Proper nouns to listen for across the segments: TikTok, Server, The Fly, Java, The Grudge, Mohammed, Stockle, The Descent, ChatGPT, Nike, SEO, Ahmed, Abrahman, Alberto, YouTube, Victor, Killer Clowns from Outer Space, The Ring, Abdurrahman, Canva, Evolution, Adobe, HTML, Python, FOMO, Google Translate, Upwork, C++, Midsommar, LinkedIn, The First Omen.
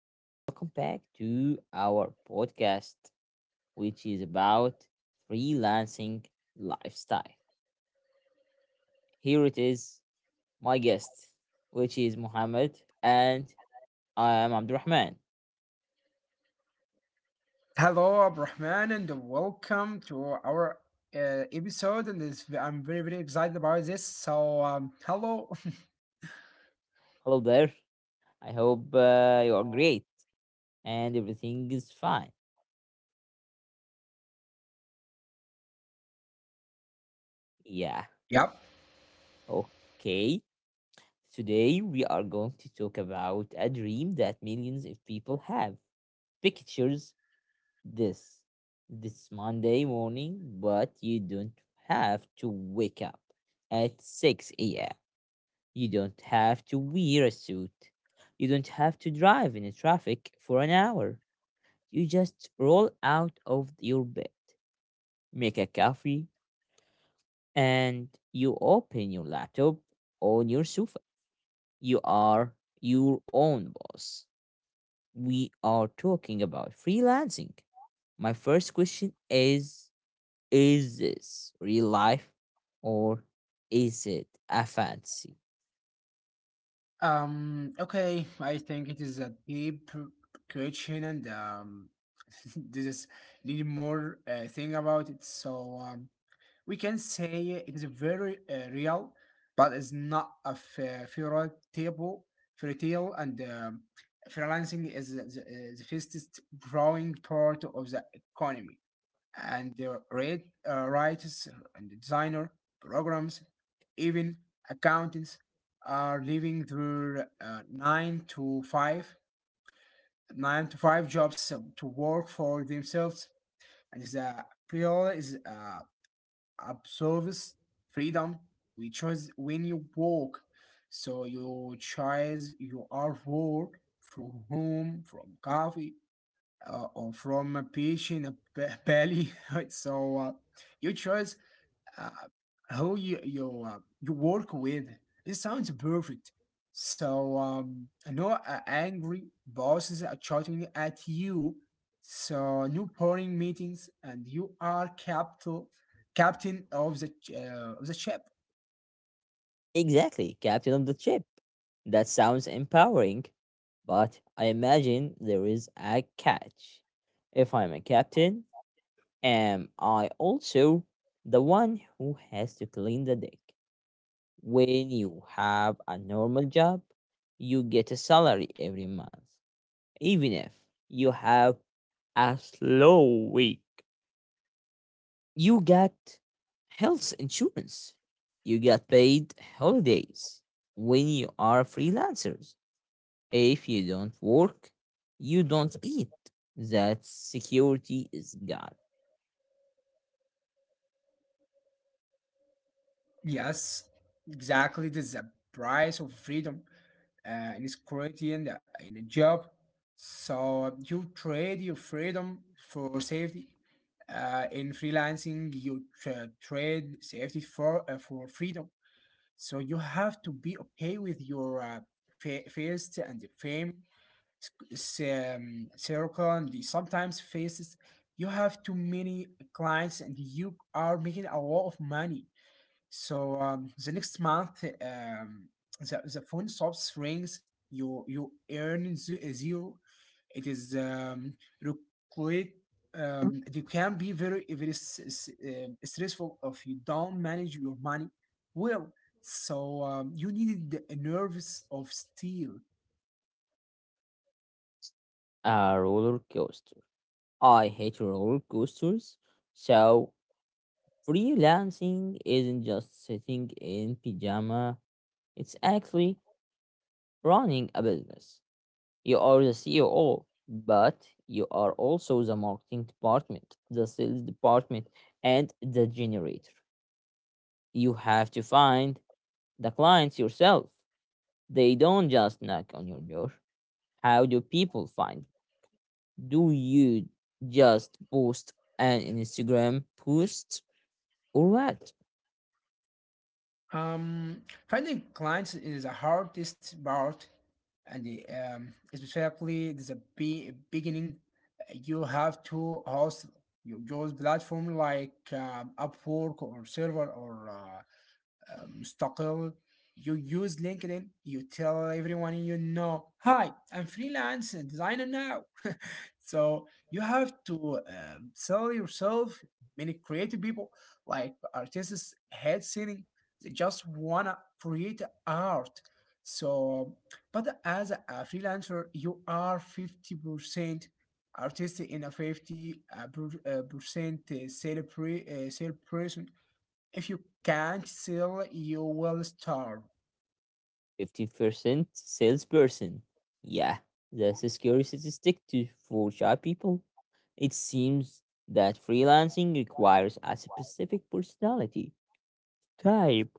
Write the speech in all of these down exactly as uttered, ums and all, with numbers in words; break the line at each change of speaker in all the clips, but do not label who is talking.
Welcome back to our podcast, which is about freelancing lifestyle. Here it is, my guest, which is Mohammed, and I am Abdurrahman.
Hello, Abrahman, and welcome to our uh, episode. And it's, I'm very, very excited about this. So, um, hello.
Hello there. I hope uh, you are great and everything is fine. Yeah,
Yep.
okay. Today we are going to talk about a dream that millions of people have pictures this this Monday morning, but you don't have to wake up at six a m. You don't have to wear a suit. You don't have to drive in traffic for an hour. You just roll out of your bed, make a coffee, and you open your laptop on your sofa. You are your own boss. We are talking about freelancing. My first question is Is this real life or is it a fancy?
Um. Okay. I think it is a deep question, and um, this is need more uh, thing about it. So, um, we can say it is very uh, real, but it's not a fa- fairy tale. Fairy tale and um freelancing is the, the, uh, the fastest growing part of the economy. And the rate, uh, writers and designer, programs, even accountants are leaving their uh, nine to five nine to five jobs to work for themselves. And the appeal is uh, absorbs freedom. We choose when you walk. So you choose you are work from home, from coffee, uh, or from a patient a belly. So uh, you choose uh, who you you uh, you work with. It sounds perfect. So um, I know uh, angry bosses are shouting at you. So new boring meetings, and you are capital captain of the ch- uh, of the ship.
Exactly, captain of the ship. That sounds empowering, but I imagine there is a catch. If I'm a captain, am I also the one who has to clean the deck? When you have a normal job, you get a salary every month, even if you have a slow week. You get health insurance. You get paid holidays when you are freelancers. If you don't work, you don't eat. That security is gone.
Yes, exactly. This is a price of freedom uh, and security in, the, in a job. So you trade your freedom for safety. Uh, in freelancing, you tra- trade safety for uh, for freedom. So you have to be okay with your uh, fa- face and the fame sc- s- um, circle and the sometimes faces. You have too many clients and you are making a lot of money so um, the next month, um, the, the phone stops rings. You you earn ze- zero. It is um, require- um, it can be very very s- s- um, stressful if you don't manage your money well. So um, you needed a nerves of steel.
A roller coaster. I hate roller coasters. So freelancing isn't just sitting in pajama, it's actually running a business. You are the C E O, but you are also the marketing department, the sales department, and the generator. You have to find the clients yourself. They don't just knock on your door. How do people find? Do you just post an Instagram post or what?
Um, Finding clients is the hardest part, and the, um, especially there's a be- beginning, you have to host your job platform like um, Upwork or Server or uh, um, Stockle. You use LinkedIn. You tell everyone you know, "Hi, I'm freelance designer now." So you have to um, sell yourself. Many creative people, like artists, head singing, they just wanna create art. So, but as a freelancer, you are fifty percent artist in a fifty uh, per- uh, percent uh, sale pre- uh, sale person. If you can't sell, you will starve.
fifty percent salesperson. Yeah, that's a scary statistic to, for shy people. It seems that freelancing requires a specific personality type.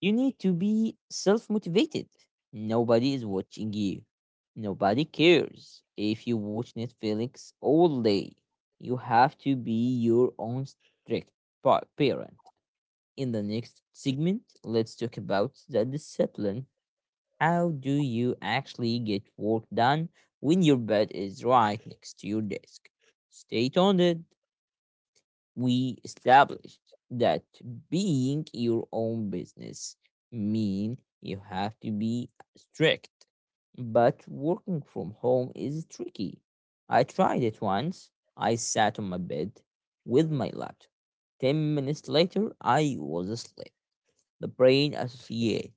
You need to be self motivated. Nobody is watching you. Nobody cares if you watch Netflix all day. You have to be your own strict pa- parent. In the next segment, let's talk about the discipline. How do you actually get work done when your bed is right next to your desk? Stay tuned. We established that being your own business mean you have to be strict, but working from home is tricky. I tried it once. I sat on my bed with my laptop. ten minutes later, I was asleep. The brain associate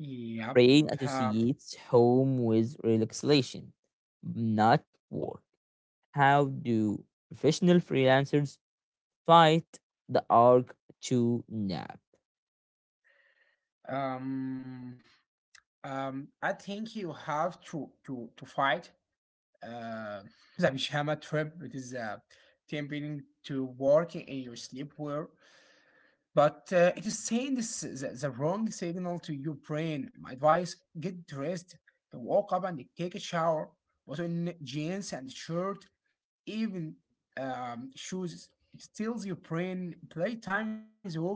Yep.
brain
Uh,
associates home with relaxation, not work. How do professional freelancers fight the urge to nap?
um. Um, I think you have to to to fight uh, the pyjama trip. It is uh, tempting to work in your sleepwear, but uh, it is saying this the, the wrong signal to your brain. My advice: get dressed, walk up and take a shower, put on jeans and shirt, even um, shoes. It tells your brain playtime is over.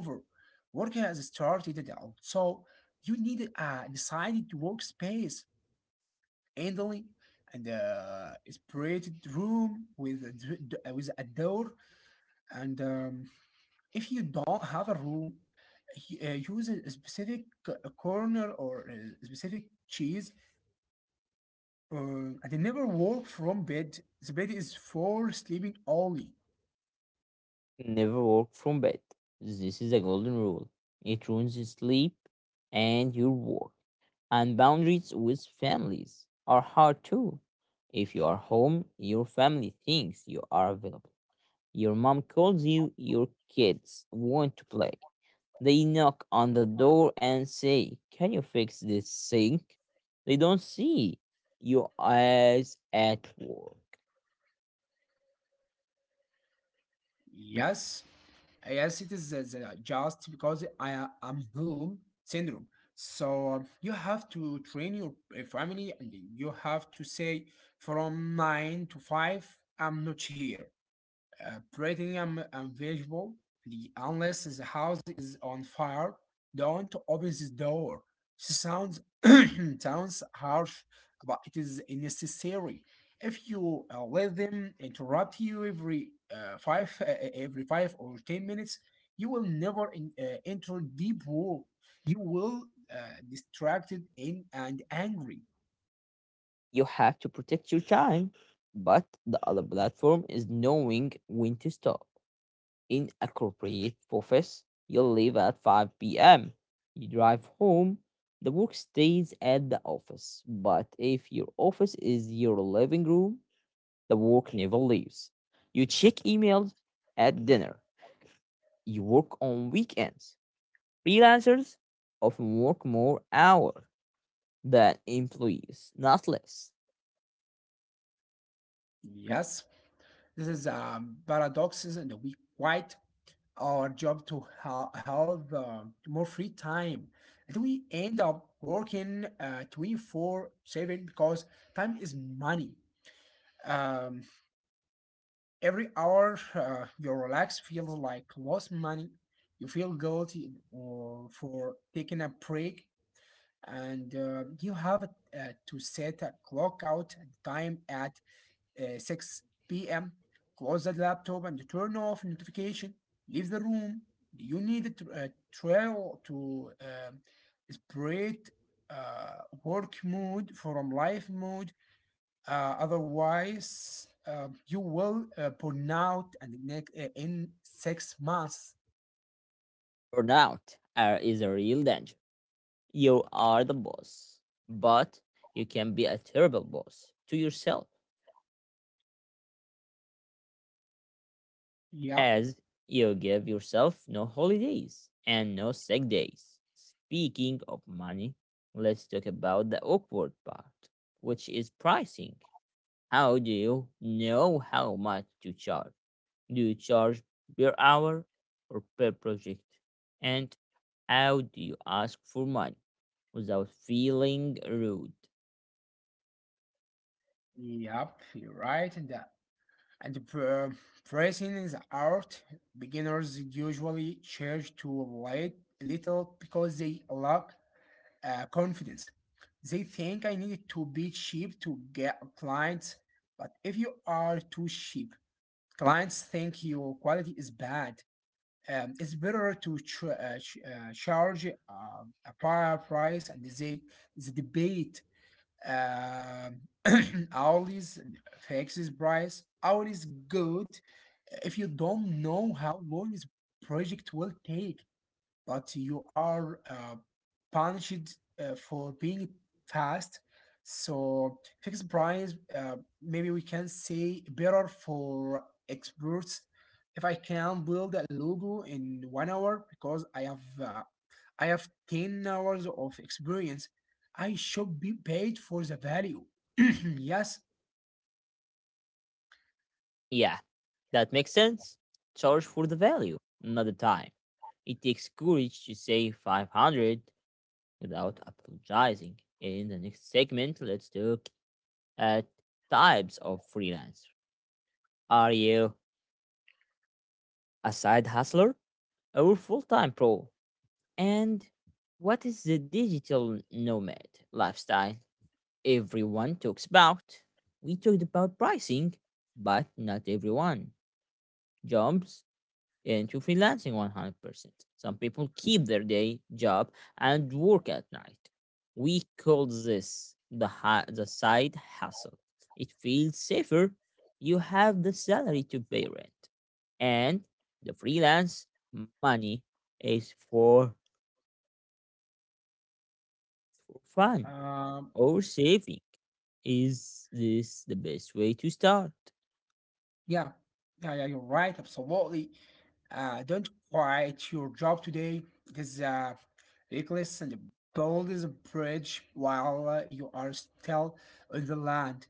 Work has started, also you need a decided workspace handling and uh, a separated room with a, d- d- uh, with a door. And um, if you don't have a room, y- uh, use a specific c- a corner or a specific cheese. Uh, and never walk from bed. The bed is for sleeping only.
Never work from bed. This is a golden rule. It ruins your sleep and your work. And boundaries with families are hard too. If you are home, your family thinks you are available. Your mom calls you, your kids want to play. They knock on the door and say, "Can you fix this sink?" They don't see you as at work.
Yes, Yes, it is uh, the- just because I am home syndrome. So um, you have to train your uh, family and you have to say from nine to five, I'm not here. Uh, platinum and visual. The Unless the house is on fire, don't open the door. This sounds sounds harsh, but it is necessary. If you uh, let them interrupt you every uh, five uh, uh, every five or ten minutes, you will never in, uh, enter deep woe. You will uh, distracted in and angry.
You have to protect your time, but the other platform is knowing when to stop. In appropriate corporate office, you leave at five p m. You drive home, the work stays at the office. But if your office is your living room, the work never leaves. You check emails at dinner. You work on weekends. Freelancers often work more hours than employees, not less.
Yes, this is a paradox, isn't it? We quit our job to ha- have uh, more free time, and we end up working uh, twenty four seven because time is money. Um, every hour uh, you relax feels like lost money. You feel guilty or for taking a break, and uh, you have uh, to set a clock out time at uh, six p m. Close the laptop and turn off notification. Leave the room. You need a tr- a trail to um separate uh, work mode from life mode. Uh, otherwise, uh, you will uh, burn out and neck uh, in six months.
Burnout uh, is a real danger. You are the boss, but you can be a terrible boss to yourself
Yep,
as you give yourself no holidays and no sick days. Speaking of money, let's talk about the awkward part, which is pricing. How do you know how much to charge? Do you charge per hour or per project? And how do you ask for money without feeling rude?
yep, you're right in that. And pr- pricing is out. Beginners usually charge too late, little because they lack uh, confidence. They think I need to be cheap to get clients, but if you are too cheap, clients think your quality is bad. Um, it's better to tr- uh, ch- uh, charge uh, a higher price, and they the debate um, Auli's fixes price. Auli's good if you don't know how long this project will take, but you are uh, punished uh, for being fast. So fixed price, uh, maybe we can say better for experts. If I can build a logo in one hour because I have uh, I have ten hours of experience. I should be paid for the value. Yes.
Yeah, that makes sense. Charge for the value, not the time. It takes courage to say five hundred without apologizing. In the next segment, let's look at types of freelancer. Are you a side hustler or full time pro? And what is the digital nomad lifestyle everyone talks about? We talked about pricing, but not everyone jumps into freelancing one hundred percent. Some people keep their day job and work at night. We call this the, ha- the side hustle. It feels safer. You have the salary to pay rent, and the freelance money is for, for fun
Um,
or saving. Is this the best way to start?
yeah. Yeah, yeah, you're right. Absolutely. Uh, don't quit your job today. It is uh, reckless and build is a bridge while uh, you are still on the land.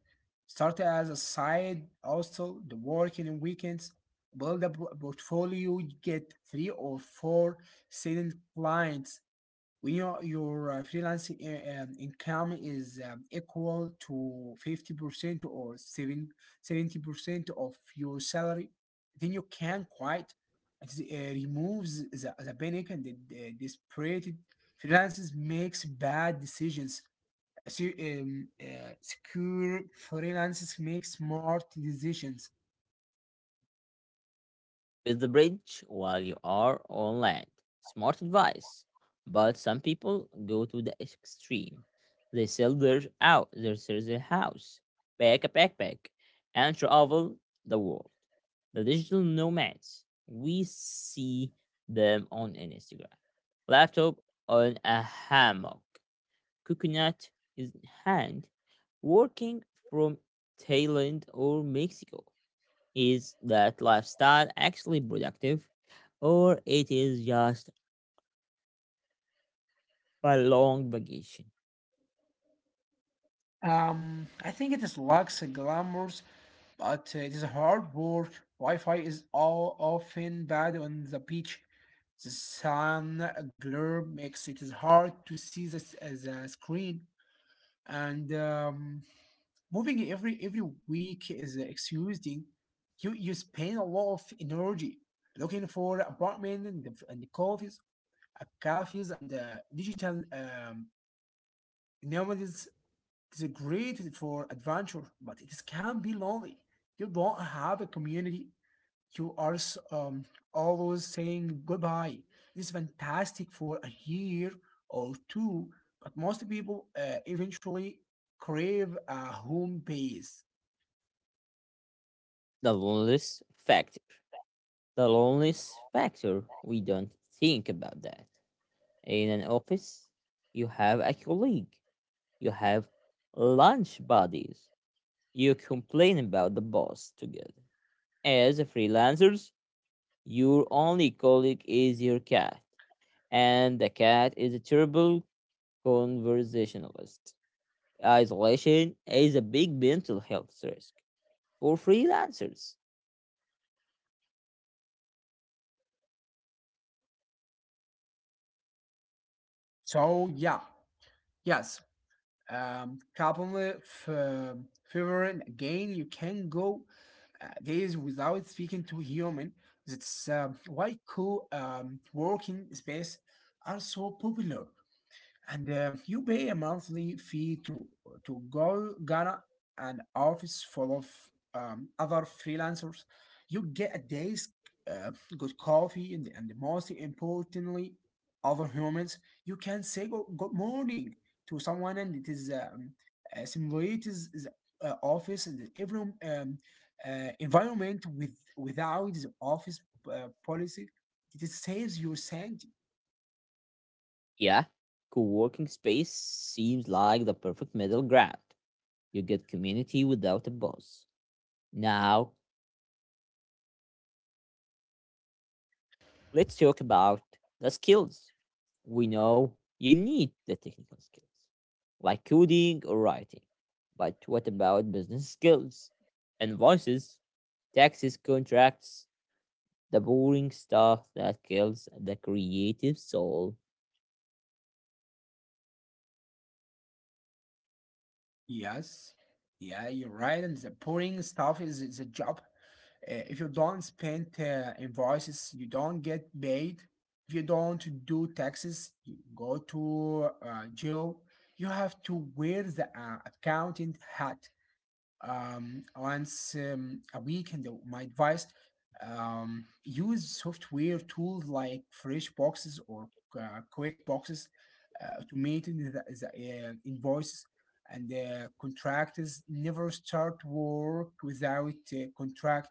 Start as a side hustle, the work in weekends. Build a portfolio, you get three or four silent clients when your your uh, freelance uh, um, income is um, equal to fifty percent or seven seventy percent of your salary, then you can quite it. Uh, removes the, the panic and the, the desperate freelancers makes bad decisions. Uh, so, um, uh, secure freelancers make smart decisions.
Build the bridge while you are on land. Smart advice. But some people go to the extreme. They sell their out their sell their house, pack a backpack, and travel the world. The digital nomads. We see them on Instagram. Laptop on a hammock. Coconut in hand. Working from Thailand or Mexico. Is that lifestyle actually productive, or it is just a long vacation?
um, I think it is lacks a glamour but uh, it is hard work. Wi-Fi is all often bad on the beach. The sun uh, glare makes it is hard to see the, s- uh, the screen. And um, moving every every week is exhausting. You you spend a lot of energy looking for apartment and the, and the coffees, uh, cafes and uh, digital um, nomads. It's great for adventure, but it can be lonely. You don't have a community. You are s- um, always saying goodbye. This is fantastic for a year or two, but most people uh, eventually crave a home base.
The loneliness factor. The loneliness factor. We don't think about that. In an office, you have a colleague. You have lunch buddies. You complain about the boss together. As a freelancers, your only colleague is your cat, and the cat is a terrible conversationalist. Isolation is a big mental health risk for freelancers.
So yeah, yes. Um, couple of favoring again. You can go uh, days without speaking to human. That's um why co um, working space are so popular and um, you pay a monthly fee to to go Ghana an office full of um, other freelancers. You get a day's uh, good coffee and, and most importantly, other humans. You can say go, good morning to someone, and it is um, uh, simulates the uh, office and every um, uh, environment with without the office uh, policy. It saves you cent.
Yeah, co working space seems like the perfect middle ground. You get community without a boss. Now, let's talk about the skills. We know you need the technical skills, like coding or writing. But what about business skills? Invoices, taxes, contracts, the boring stuff that kills the creative soul.
Yes. Yeah, you're right. And the pouring stuff is, is a job. Uh, if you don't spend uh, invoices, you don't get paid. If you don't do taxes, you go to uh, jail. You have to wear the uh, accountant hat um, once um, a week. And the- my advice um, use software tools like fresh boxes or uh, quick boxes uh, automated the, the, uh, invoices and uh, contractors. Never start work without a contract.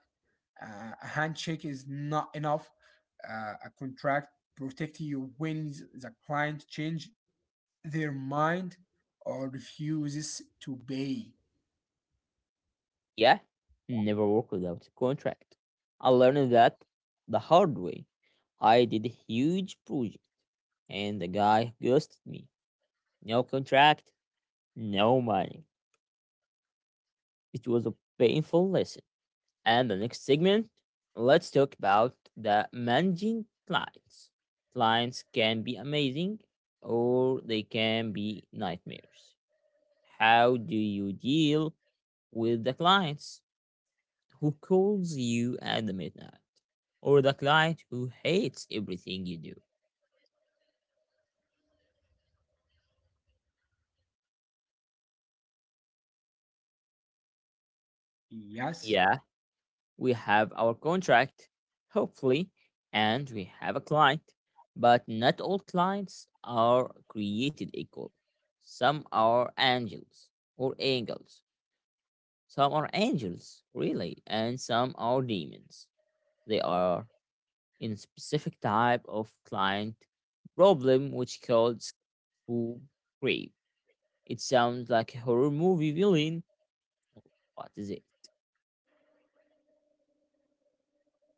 uh, A handshake is not enough. Uh, a contract protect you when the client change their mind or refuses to pay.
Yeah, never work without a contract. I learned that the hard way. I did a huge project, and the guy ghosted me. No contract, no money. It was a painful lesson. And the next segment, let's talk about the managing clients. Clients can be amazing or they can be nightmares. How do you deal with the clients who calls you at the midnight, or the client who hates everything you do?
Yes.
Yeah, we have our contract, hopefully, and we have a client, but not all clients are created equal. Some are angels or angels. Some are angels, really, and some are demons. They are in specific type of client problem which called school creep. It sounds like a horror movie villain. What is it?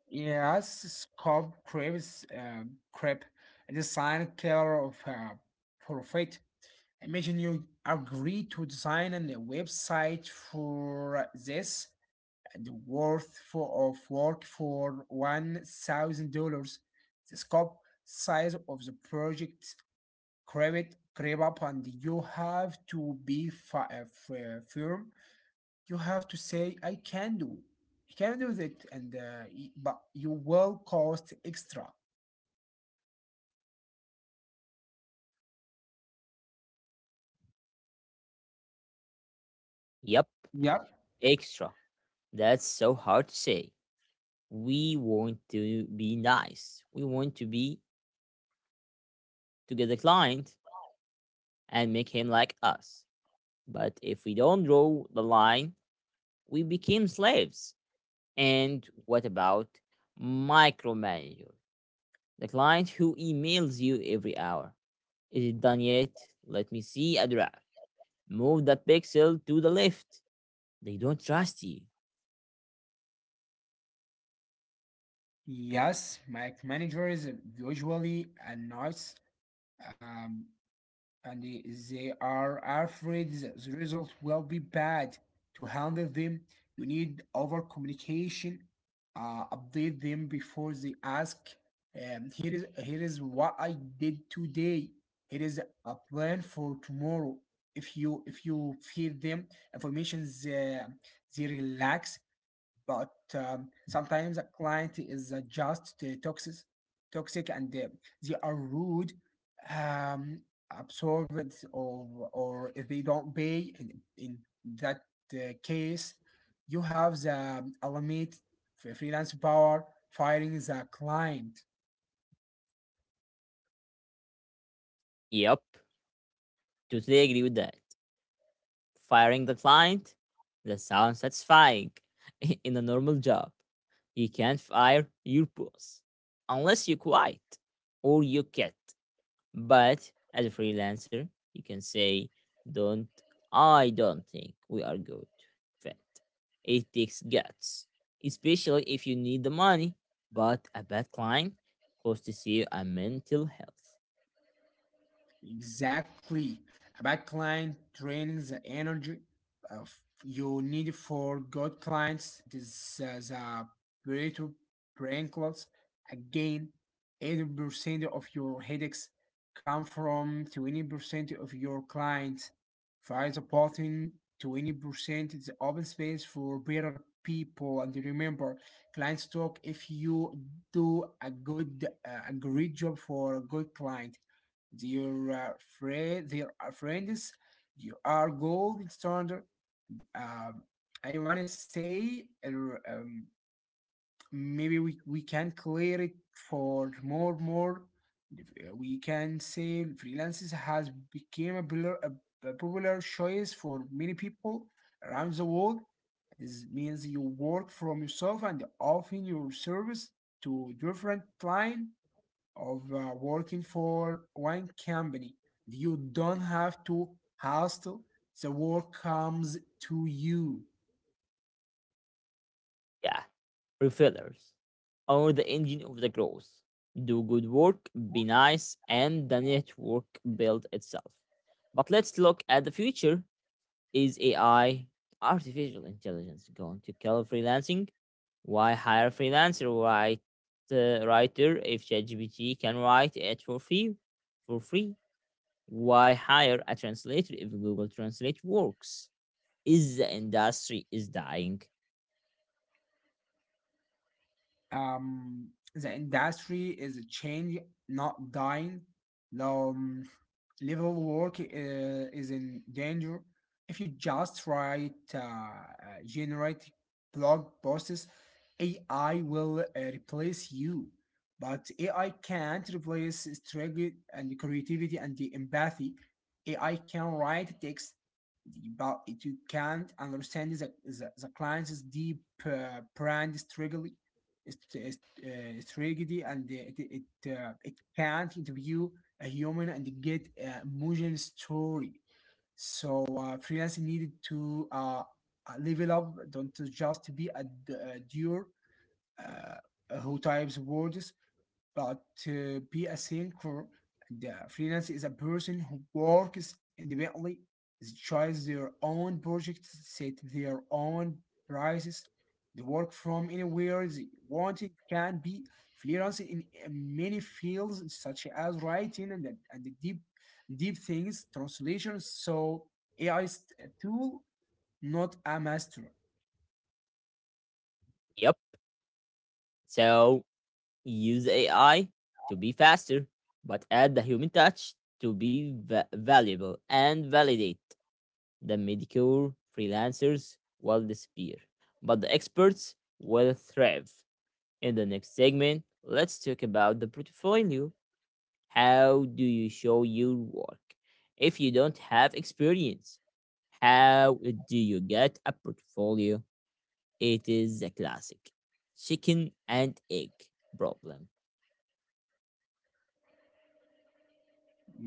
Yes, Scob craves uh, crap design killer of uh, profit. Imagine you agree to design a website for this and the worth for of work for one thousand dollars. The scope size of the project creep creep up, and you have to be fi- uh, f- uh, firm. You have to say i can do I can do that and uh, y- but you will cost extra.
Yep,
Yep.
extra. That's so hard to say. We want to be nice. We want to be to get the client and make him like us. But if we don't draw the line, we become slaves. And what about micromanager? The client who emails you every hour. Is it done yet? Let me see a draft. Move that pixel to the left. They don't trust you.
Yes my manager is usually annoys um, and if they are afraid that the result will be bad. To handle them, you need over communication. Uh, update them before they ask. Um, here is here is what I did today. Here is a plan for tomorrow. If you if you feed them information, they, they relax but um, sometimes a client is uh, just uh, toxic, toxic, and uh, they are rude, um, absorbed, or or if they don't pay. In, in that uh, case, you have the element for freelance power firing the client.
Yep. Totally agree with that. Firing the client, that sounds satisfying. In a normal job, you can't fire your boss unless you quit or you quit. But as a freelancer, you can say, "Don't I don't think we are good fit." It takes guts, especially if you need the money. But a bad client costs you a mental health.
Exactly. A bad client drains the energy of you need for good clients. This is a Pareto principles. Again, eighty percent of your headaches come from twenty percent of your clients. Find the bottom twenty percent is the open space for better people. And remember, clients talk. If you do a good, uh, a great job for a good client their, uh, fri- their uh, friends, you are gold standard. Um, I want to say uh, um, maybe we, we can clear it for more more. uh, We can say freelancers has become a, popular a popular choice for many people around the world. This means you work from yourself and often your service to different client of uh, working for one company. You don't have to hustle. The work comes to you.
Yeah, refillers, or the engine of the growth. Do good work, be nice, and the network builds itself. But let's look at the future. Is A I, artificial intelligence, going to kill freelancing? Why hire a freelancer write, uh, writer if ChatGPT can write it for free? For free? Why hire a translator if Google Translate works? Is the industry is dying?
Um, the industry is changing, not dying. Um, Level work uh, is in danger. If you just write uh, uh, generate blog posts, A I will uh, replace you. But A I can't replace strategy and creativity and the empathy. A I can write text, but it you can't understand the, the, the client's deep uh, brand struggle it's, it's, uh, and it it, uh, it can't interview a human and get a emotional story. So uh, freelance needed to uh, uh, level up. Don't just be a a doer uh, who types words, but to be a thinker. The uh, freelance is a person who works independently, tries their own projects, set their own prices, they work from anywhere they want. It can be freelance in uh, many fields such as writing and, and the deep deep things, translation. So A I is a tool, not a master.
Yep. So use A I to be faster, but add the human touch to be va- valuable and validate the mediocre freelancers will disappear, but the experts will thrive. In the next segment, let's talk about the portfolio. How do you show your work? If you don't have experience, how do you get a portfolio? It is a classic chicken and egg problem.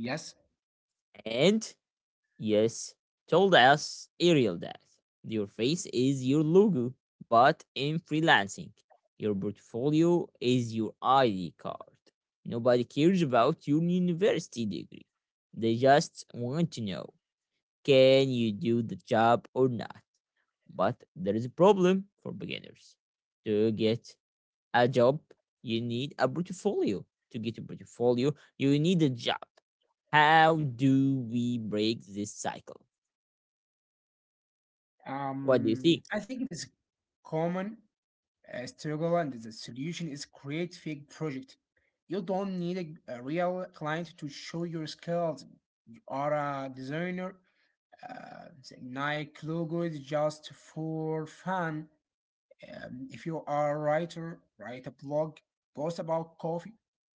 Yes.
And yes, told us Ariel that your face is your logo, but in freelancing, your portfolio is your I D card. Nobody cares about your university degree. They just want to know, can you do the job or not? But there is a problem for beginners. To get a job, you need a portfolio. To get a portfolio, you need a job. How do we break this cycle? What do you
Um,
think?
I think it is common uh, struggle, and the solution is create fake project. You don't need a, a real client to show your skills. You are a designer. Uh, the Nike logo is just for fun. Um, if you are a writer, write a blog post about coffee.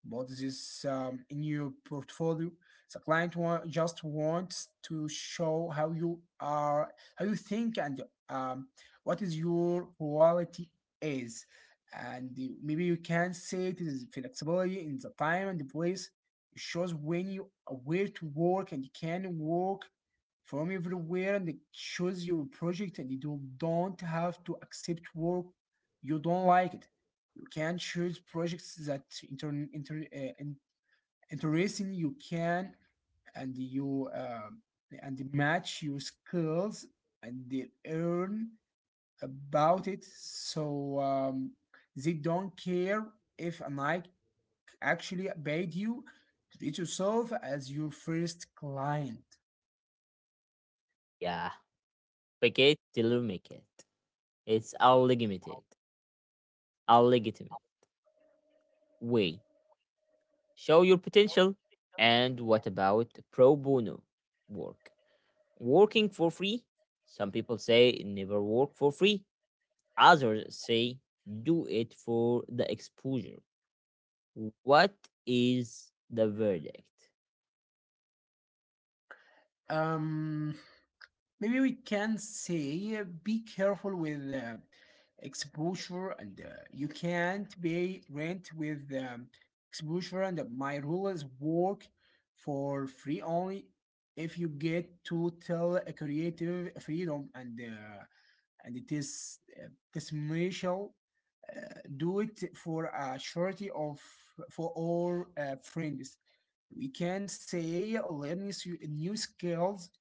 Put this um, in your portfolio. The client wa- just wants to show how you are, how you think, and um, what is your quality is. And you- maybe you can say it is flexibility in the time and the place. It shows when you are where to work, and you can work from everywhere, and it choose your project, and you don't have to accept work you don't like it. You can choose projects that inter, inter, uh, in- interesting, you can, and you um, and match your skills, and they earn about it. So um, they don't care if an actually paid you. Treat yourself as your first client.
Yeah, fake it till you make it. It's our legitimate, our legitimate way. Show your potential. And what about pro bono work? Working for free? Some people say never work for free. Others say do it for the exposure. What is the verdict?
Um, maybe we can say uh, be careful with uh, exposure, and uh, you can't pay rent with um, exposure. And uh, my rule is work for free only if you get total creative freedom, and uh, and it is uh, dismissal. uh, do it for a charity of for all uh, friends. We can say learn new s- new skills.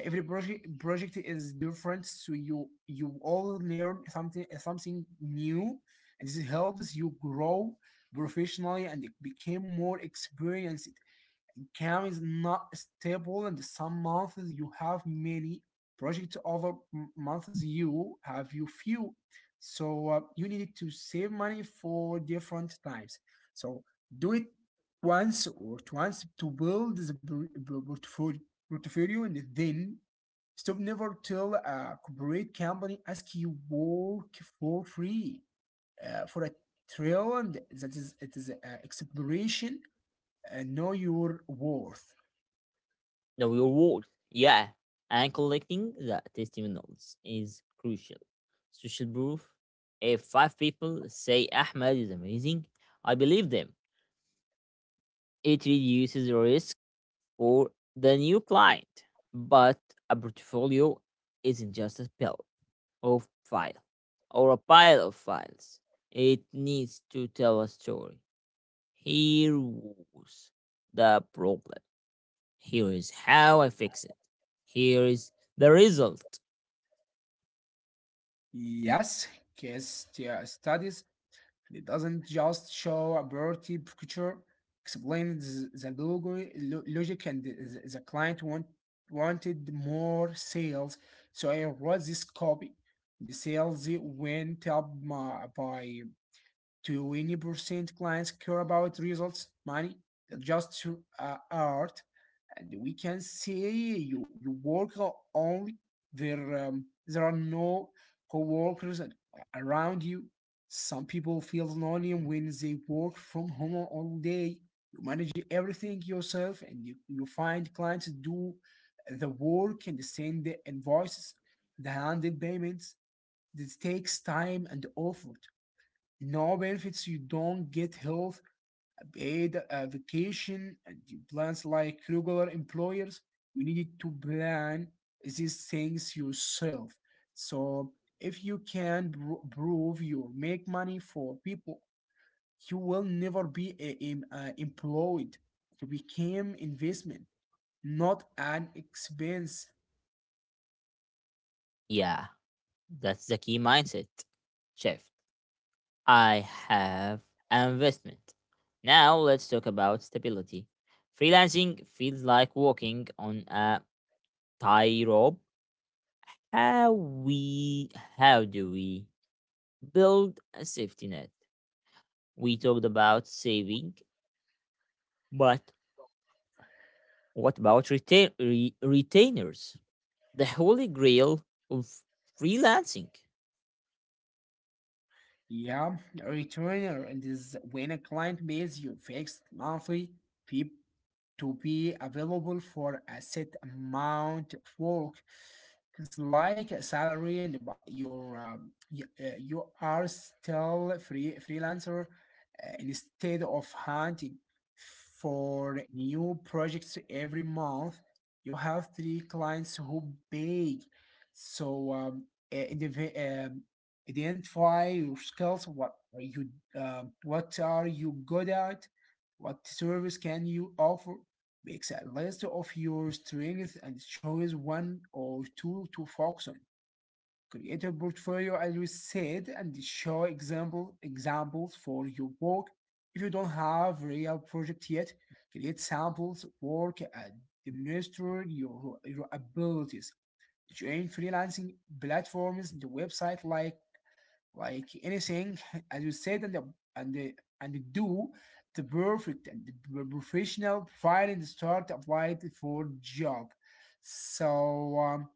Uh, Every project project is different, so you you all learn something something new, and this helps you grow professionally and become more experienced. Cam is not stable, and some months you have many projects, other months you have you few. So uh, you need to save money for different times. So do it once or twice to build the portfolio, portfolio, and then stop. Never till a corporate company ask you work for free uh, for a trail, and that is it is uh, exploration. Uh, know your worth.
The reward. Yeah, and collecting the testimonials is crucial. Social proof. If five people say Ahmed is amazing, I believe them. It reduces the risk for the new client. But a portfolio isn't just a pile of file or a pile of files. It needs to tell a story. Here was the problem. Here is how I fix it. Here is the result.
Yes, case stu- studies, it doesn't just show a priority picture, explains the logo, lo- logic and the, the client want, wanted more sales, so I wrote this copy. The sales went up my, by twenty percent. Clients care about results, money, just uh, art. And we can say you, you work o- only there. Um, there are no co-workers around you. Some people feel lonely when they work from home all day. You manage everything yourself, and you, you find clients, do the work, and send the invoices, the handed payments. This takes time and effort. No benefits, you don't get health, paid uh, vacation, and the plans like regular employers. You need to plan these things yourself. So if you can pro- prove you make money for people, you will never be a, em- uh, employed. You became investment, not an expense.
Yeah, that's the key mindset shift. I have an investment. Now let's talk about stability. Freelancing feels like walking on a tightrope. How we how do we build a safety net? We talked about saving, but what about retain re- retainers? The holy grail of freelancing.
Yeah, a returner. And this is when a client pays you fixed monthly fee to be available for a set amount of work. It's like a salary, and but you're um, you, uh, you are still free freelancer uh, instead of hunting for new projects every month. You have three clients who pay, so um, uh, indiv- um, identify your skills. What are you? Um what are you good at? What service can you offer? Makes a list of your strengths and choose one or two to focus on. Create a portfolio, as we said, and show example examples for your work. If you don't have real project yet, create samples, work, and demonstrate your, your abilities. Join freelancing platforms, the website like like anything as you said, and the, and the, and do the perfect and the professional providing the start applied for job. So um,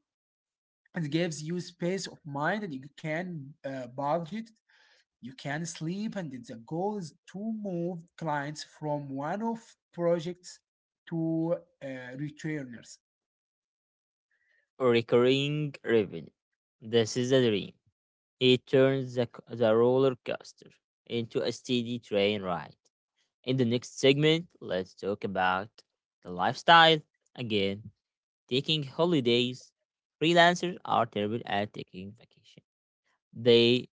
it gives you space of mind that you can uh, budget, you can sleep, and the goal is to move clients from one of projects to uh, returners.
Recurring revenue. This is a dream. It turns the, c- the roller coaster into a steady train ride. In the next segment, let's talk about the lifestyle. Again, taking holidays. Freelancers are terrible at taking vacation. They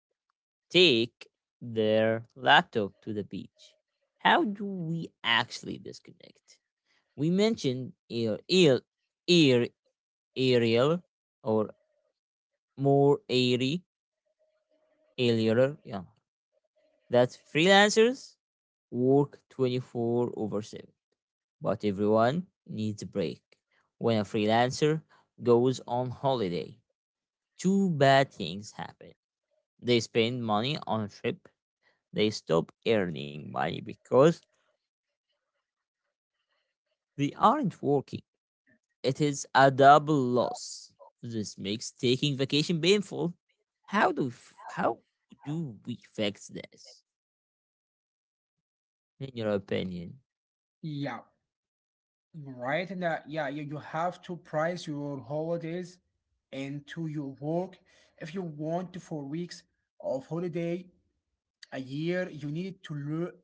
take their laptop to the beach. How do we actually disconnect? We mentioned ear, ear, ear, aerial or more airy earlier, yeah, that freelancers work twenty-four over seven, but everyone needs a break. When a freelancer goes on holiday, two bad things happen. They spend money on a trip, they stop earning money because they aren't working. It is a double loss. This makes taking vacation painful. How do f- how do we fix this? In your opinion?
Yeah. Right, and uh, yeah, you, you have to price your holidays into your work. If you want four weeks of holiday a year, you need to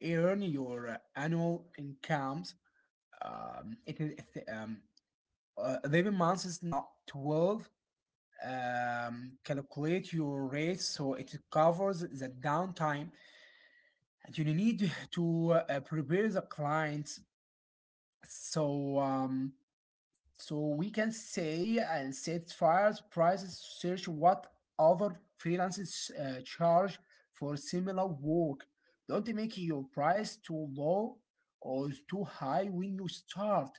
lear- earn your uh, annual incomes. Um, it is it- um, uh, eleven months is not twelve. Um, calculate your rates so it covers the downtime, and you need to uh, prepare the clients. So, um, So we can say and set fires prices to search what other freelancers uh, charge for similar work. Don't make your price too low or too high when you start.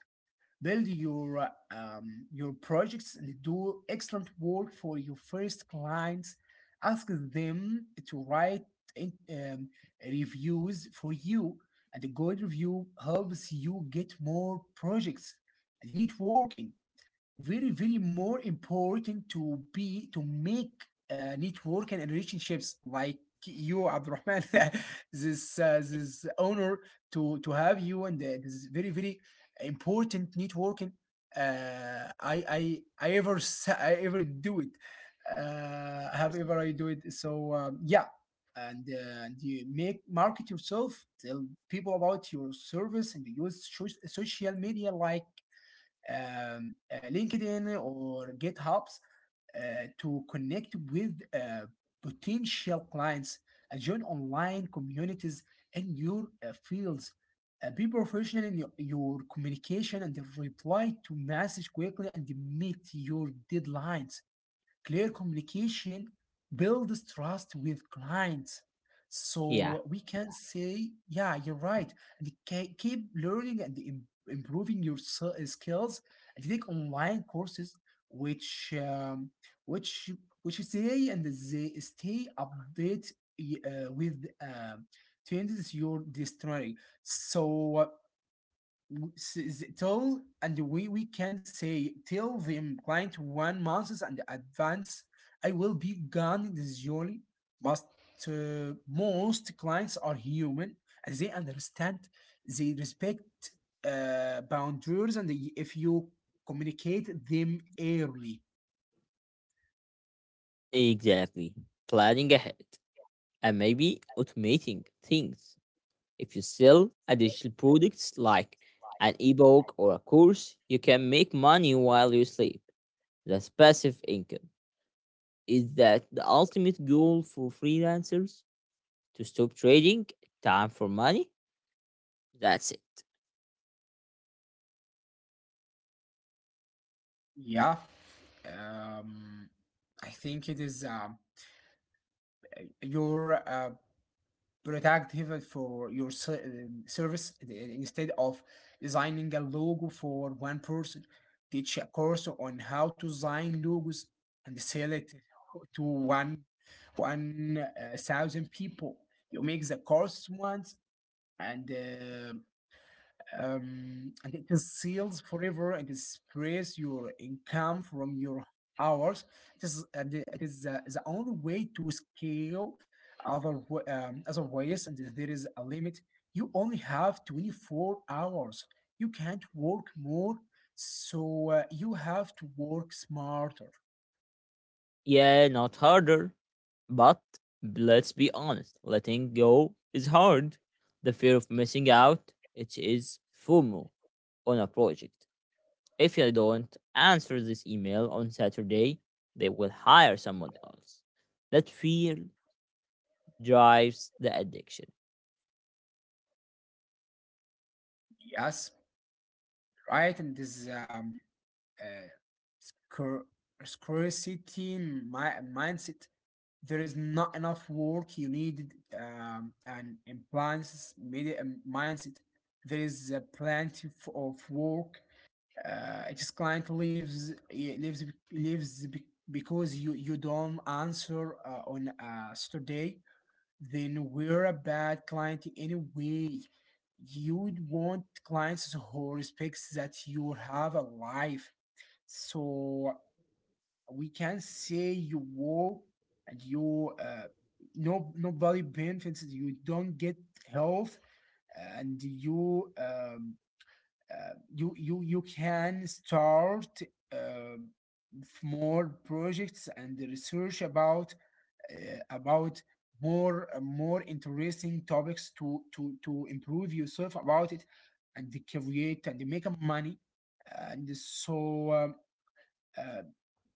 Build your uh, um, your projects and do excellent work for your first clients. Ask them to write in, um, reviews for you, and a good review helps you get more projects. And networking very very more important to be to make uh, network and relationships, like you, Abdurrahman. this uh, this honor to to have you, and uh, this is very very important networking. uh, I I I ever s- I ever do it, uh, have ever I do it, so um, yeah. And uh, and you make market yourself, tell people about your service, and use soc- social media like um, uh, LinkedIn or GitHubs uh, to connect with uh, potential clients and join online communities in your uh, fields. Uh, be professional in your, your communication, and reply to message quickly and meet your deadlines. Clear communication builds trust with clients.
Yeah.
So we can say, yeah, you're right. And ke- keep learning and im- improving your s- skills, and take online courses which um, which which say, and they stay update y- uh, with uh, trends your dictionary. So w- s- s- tell, and we we can say tell them client one month and advance. I will be gone this journey, but uh, most clients are human and they understand, they respect uh, boundaries, and they- if you communicate them early.
Exactly. Planning ahead and maybe automating things. If you sell a digital products like an ebook or a course, you can make money while you sleep. That's passive income. Is that the ultimate goal for freelancers? To stop trading time for money? That's it.
Yeah. Um i think it is um your uh, protective for your ser- um, service. Instead of designing a logo for one person, teach a course on how to design logos and sell it to one one uh, thousand people. You make the course once, and uh, um, and it is sealed forever, and it spreads your income from your hours. It is, and it is the, the only way to scale. Other wa- um, other ways, and there is a limit. You only have twenty-four hours. You can't work more, so uh, you have to work smarter.
Yeah, not harder. But let's be honest, letting go is hard. The fear of missing out, it is FOMO on a project. If you don't answer this email on Saturday, they will hire someone else. That fear drives the addiction.
Yes, right? And this um, uh, scar- scarcity mi- mindset. There is not enough work you need, um, and implants media um, mindset. There is uh, plenty f- of work. Uh, each client leaves eh, leaves leaves be- because you you don't answer uh, on a Saturday. Then we're a bad client anyway. You'd want clients who respects that you have a life. So we can say you work and you uh, no nobody benefits. You don't get health, and you um, uh, you you you can start uh, more projects and research about uh, about more uh, more interesting topics to to to improve yourself about it, and to create and to make money. and so um, uh,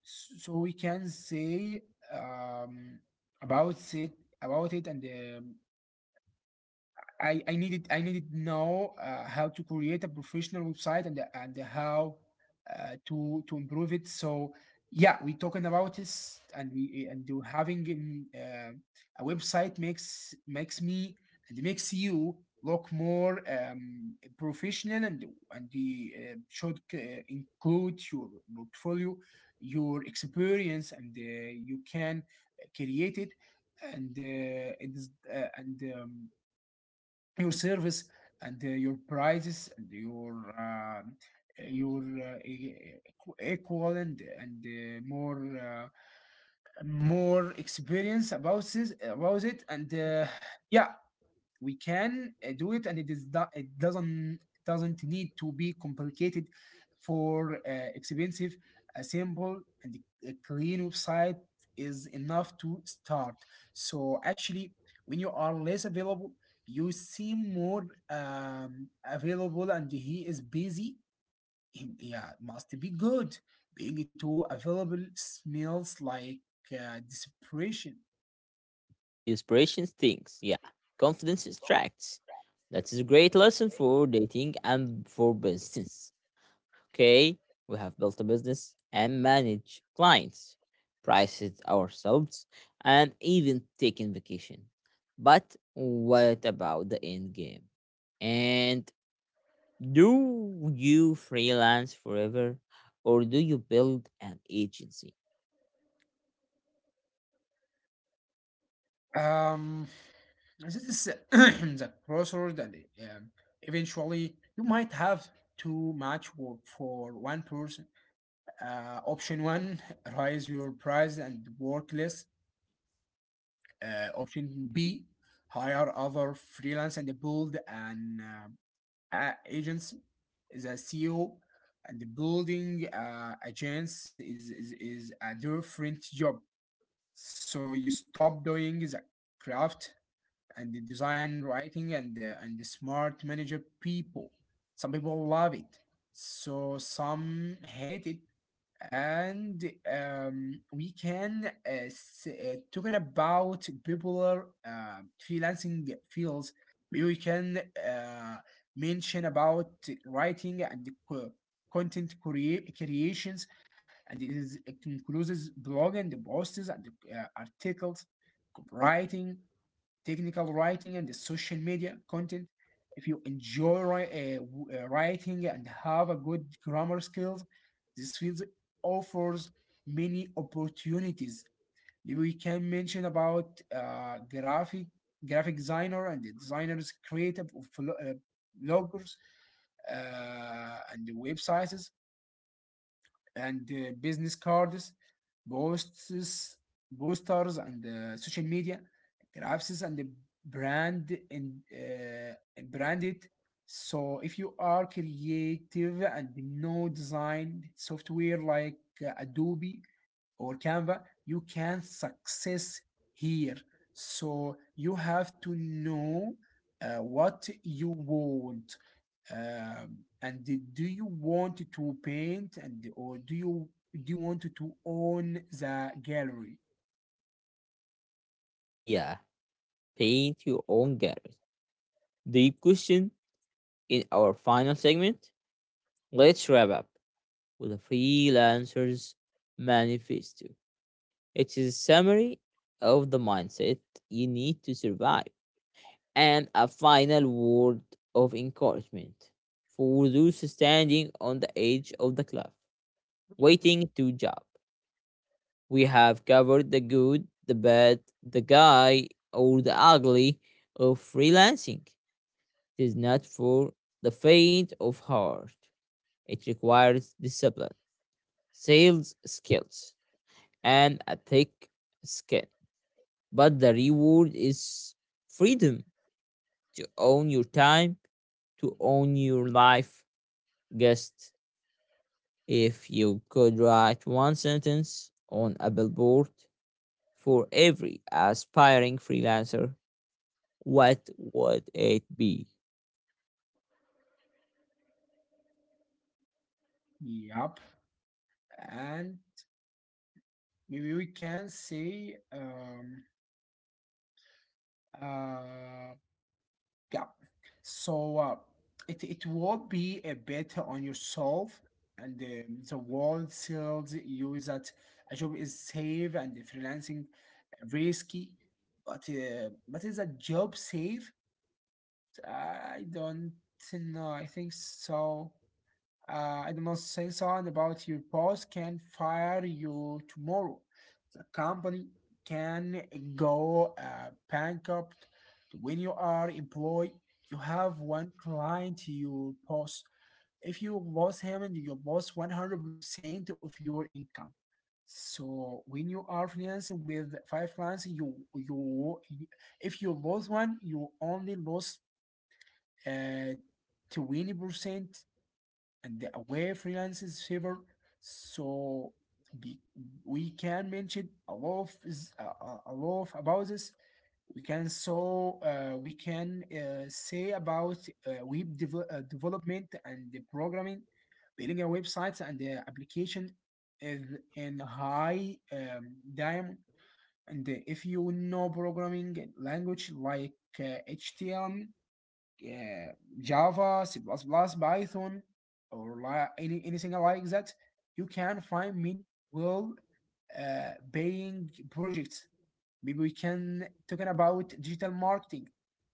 so we can say um, about it about it and um, I, I needed I needed to know uh, how to create a professional website, and and how uh, to to improve it. So yeah, we talking about this, and we and do having in, uh, a website makes makes me and makes you look more um, professional. And and the uh, should uh, include your portfolio, your experience, and uh, you can create it, and uh, it is uh, and um, your service, and uh, your prices, and your uh, your uh, e- equ- equal, and and uh, more uh, more experience about this about it and uh, yeah, we can uh, do it, and it is do- it doesn't doesn't need to be complicated for uh, expensive. A simple and a clean website is enough to start. So actually, when you are less available, you seem more um, available and he is busy. He- yeah, must be good. Being too available smells like uh, desperation.
Inspiration stinks. Yeah. Confidence distracts. That is a great lesson for dating and for business. Okay. We have built a business and manage clients, prices ourselves, and even taking vacation. But what about the end game? And do you freelance forever or do you build an agency?
Um, this is the crossroad, and um, eventually you might have too much work for one person. Uh, option one, raise your price and work less. Uh, option B, hire other freelance and build an um, a- agency. The C E O and the building uh, agents is, is, is a different job. So you stop doing the craft and the design writing and the, and the smart manager people. Some people love it, so some hate it. And um, we can uh, s- uh, Talking about popular uh, freelancing fields. Maybe we can uh, mention about writing and the co- content crea- creations, and it, is, it includes blog and the posts and the, uh, articles, copywriting, technical writing and social media content. If you enjoy wri- uh, w- uh, writing and have a good grammar skills, this field offers many opportunities. We can mention about uh, graphic graphic designer and the designers, creative of lo- uh, bloggers, uh, and the websites and uh, business cards, posts, posters, and uh, social media, graphics, and the brand and uh, branded. So if you are creative and know design software like uh, Adobe, or Canva, you can success here. So you have to know uh, what you want. Um, and do you want to paint and or do you do you want to own the gallery?
Yeah, paint your own gallery. Deep question in our final segment. Let's wrap up with a freelancer's manifesto. It is a summary of the mindset you need to survive and a final word of encouragement for those standing on the edge of the cliff, waiting to jump. We have covered the good, the bad, the guy, or the ugly of freelancing. It is not for the faint of heart. It requires discipline, sales skills, and a thick skin. But the reward is freedom to own your time, to own your life. Guest, if you could write one sentence on a billboard for every aspiring freelancer, what would it be?
Yep. And maybe we can say um, uh, yeah. So uh, it it will be a better on yourself, and the the world tells you that a job is safe and the freelancing risky, but uh, but is a job safe? I don't know. I think so. Uh, I don't know. Say something about your boss can fire you tomorrow. The company can go uh, bankrupt. When you are employed, you have one client to your boss. If you lose him, and you lose one hundred percent of your income. So when you are freelancing with five clients, you you if you lose one, you only lose uh, twenty percent and the away freelancers favor. So be, we can mention a lot of is- a, a- a lot of about this. We can so uh, we can uh, say about uh, web devel- uh, development and the programming, building a website and the application is in high um, diamond. And if you know programming language like uh, H T M L, yeah, Java, C++, Python, or li- any, anything like that, you can find many well uh, paying projects. Maybe we can talking about digital marketing.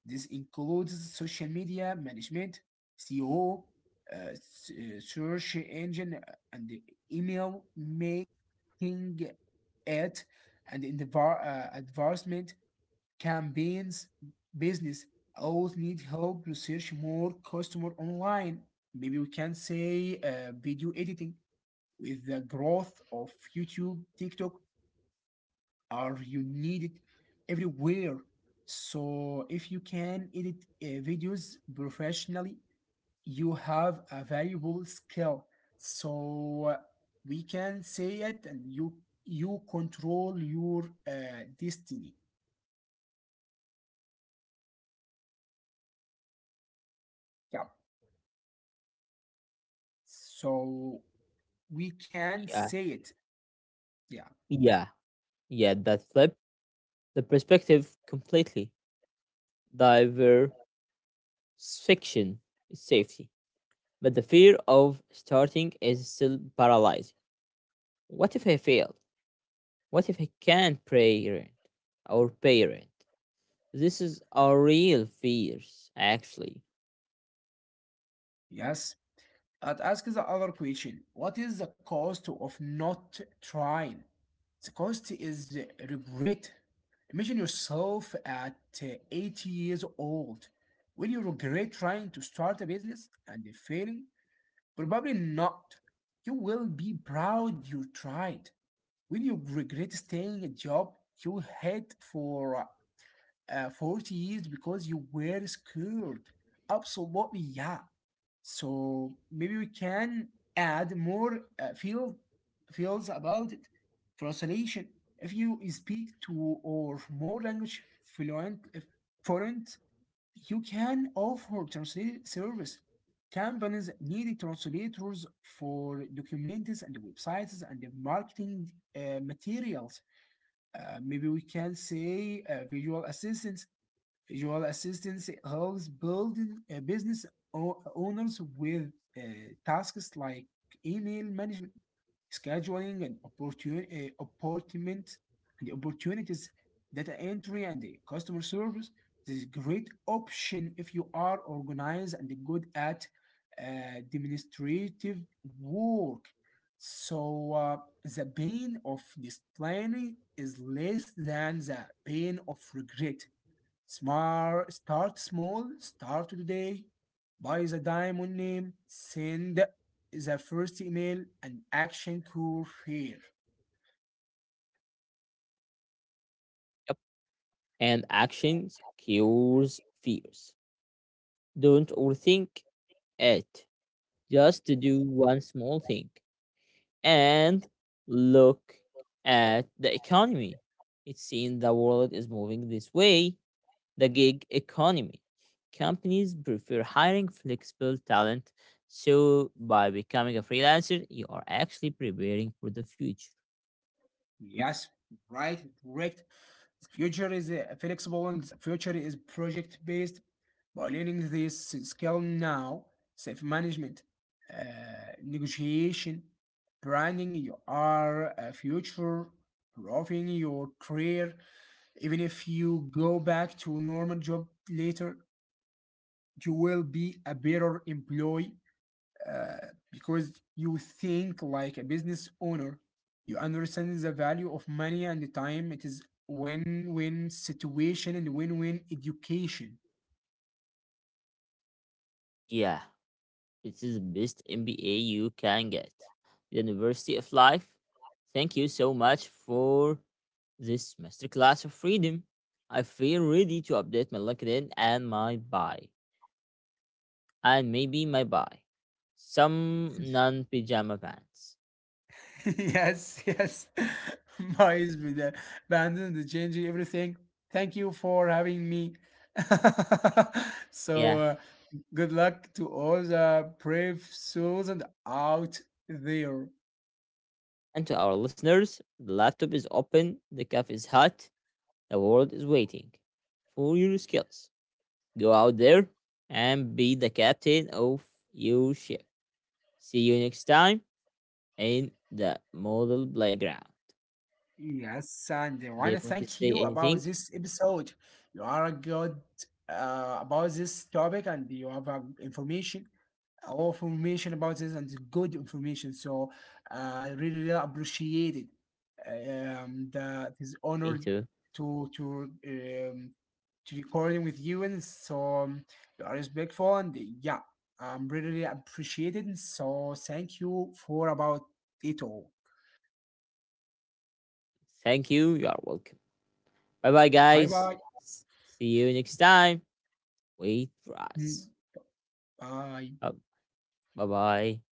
This includes social media management, S E O, uh, s- uh, search engine, uh, and the email making, ad, and in the var- uh, advertisement campaigns business always need help research more customer online. Maybe we can say uh, video editing with the growth of YouTube, TikTok, are you need it everywhere. So if you can edit uh, videos professionally, you have a valuable skill. So uh, we can say it, and you you control your uh, destiny. Yeah. So we can
Yeah,
say it. Yeah.
yeah, yeah. That flip the perspective completely. Diversification is safety, but the fear of starting is still paralyzing. What if I fail? What if I can't pay rent or pay rent? This is our real fears, actually.
Yes. I'd ask the other question. What is the cost of not trying? The cost is uh, regret. Imagine yourself at uh, eighty years old. Will you regret trying to start a business and failing? Probably not. You will be proud you tried. Will you regret staying a job you hate for uh, forty years because you were scared? Absolutely, yeah. So maybe we can add more uh, feel feels about it. Translation. If you speak two or more language fluent if fluent, you can offer translate service. Companies need translators for documents and websites and the marketing uh, materials. Uh, maybe we can say uh, visual assistants visual assistance helps building uh, business o- owners with uh, tasks like email management, scheduling, and opportunity, uh, appointment, and opportunities, data entry, and the customer service. This is great option if you are organized and good at uh, administrative work. So uh, the pain of discipline is less than the pain of regret. Smart, start small, start today. Buy the diamond name, send the first email, and action cool here.
Yep. And actions cures fears. Don't overthink it. Just to do one small thing. And look at the economy. It seems the world is moving this way the gig economy. Companies prefer hiring flexible talent, so by becoming a freelancer, you are actually preparing for the future.
Yes, right, correct. The future is uh, flexible and the future is project based. By learning this skill now, self management, uh, negotiation, branding, you are a future, growing your career. Even if you go back to a normal job later, you will be a better employee uh, because you think like a business owner. You understand the value of money and the time. It is win-win situation and win-win education.
Yeah, this is the best M B A you can get. The University of Life. Thank you so much for this masterclass of freedom. I feel ready to update my LinkedIn and my bio. And maybe my buy some non pajama pants.
Yes, yes. Boys with the abandon the changing everything. Thank you for having me. so
Yeah.
uh, good luck to all the brave souls and out there.
And to our listeners, the laptop is open, the cafe is hot, the world is waiting for your skills. Go out there and be the captain of your ship. See you next time in the model playground.
Yes, and I
Do
want
you
to
want to
thank
say
you about
anything?
this episode. You are good uh, about this topic, and you have uh, information, all information about this, and good information. So uh, I really, really appreciate it. And uh, it is
Me
honored
too.
to to um, to recording with you, and so you are respectful, and yeah, I'm really appreciated. And so thank you for about it all.
Thank you. You are welcome. Bye bye,
And bye
guys.
bye.
S- See you next time. Wait for us.
Bye.
Bye bye.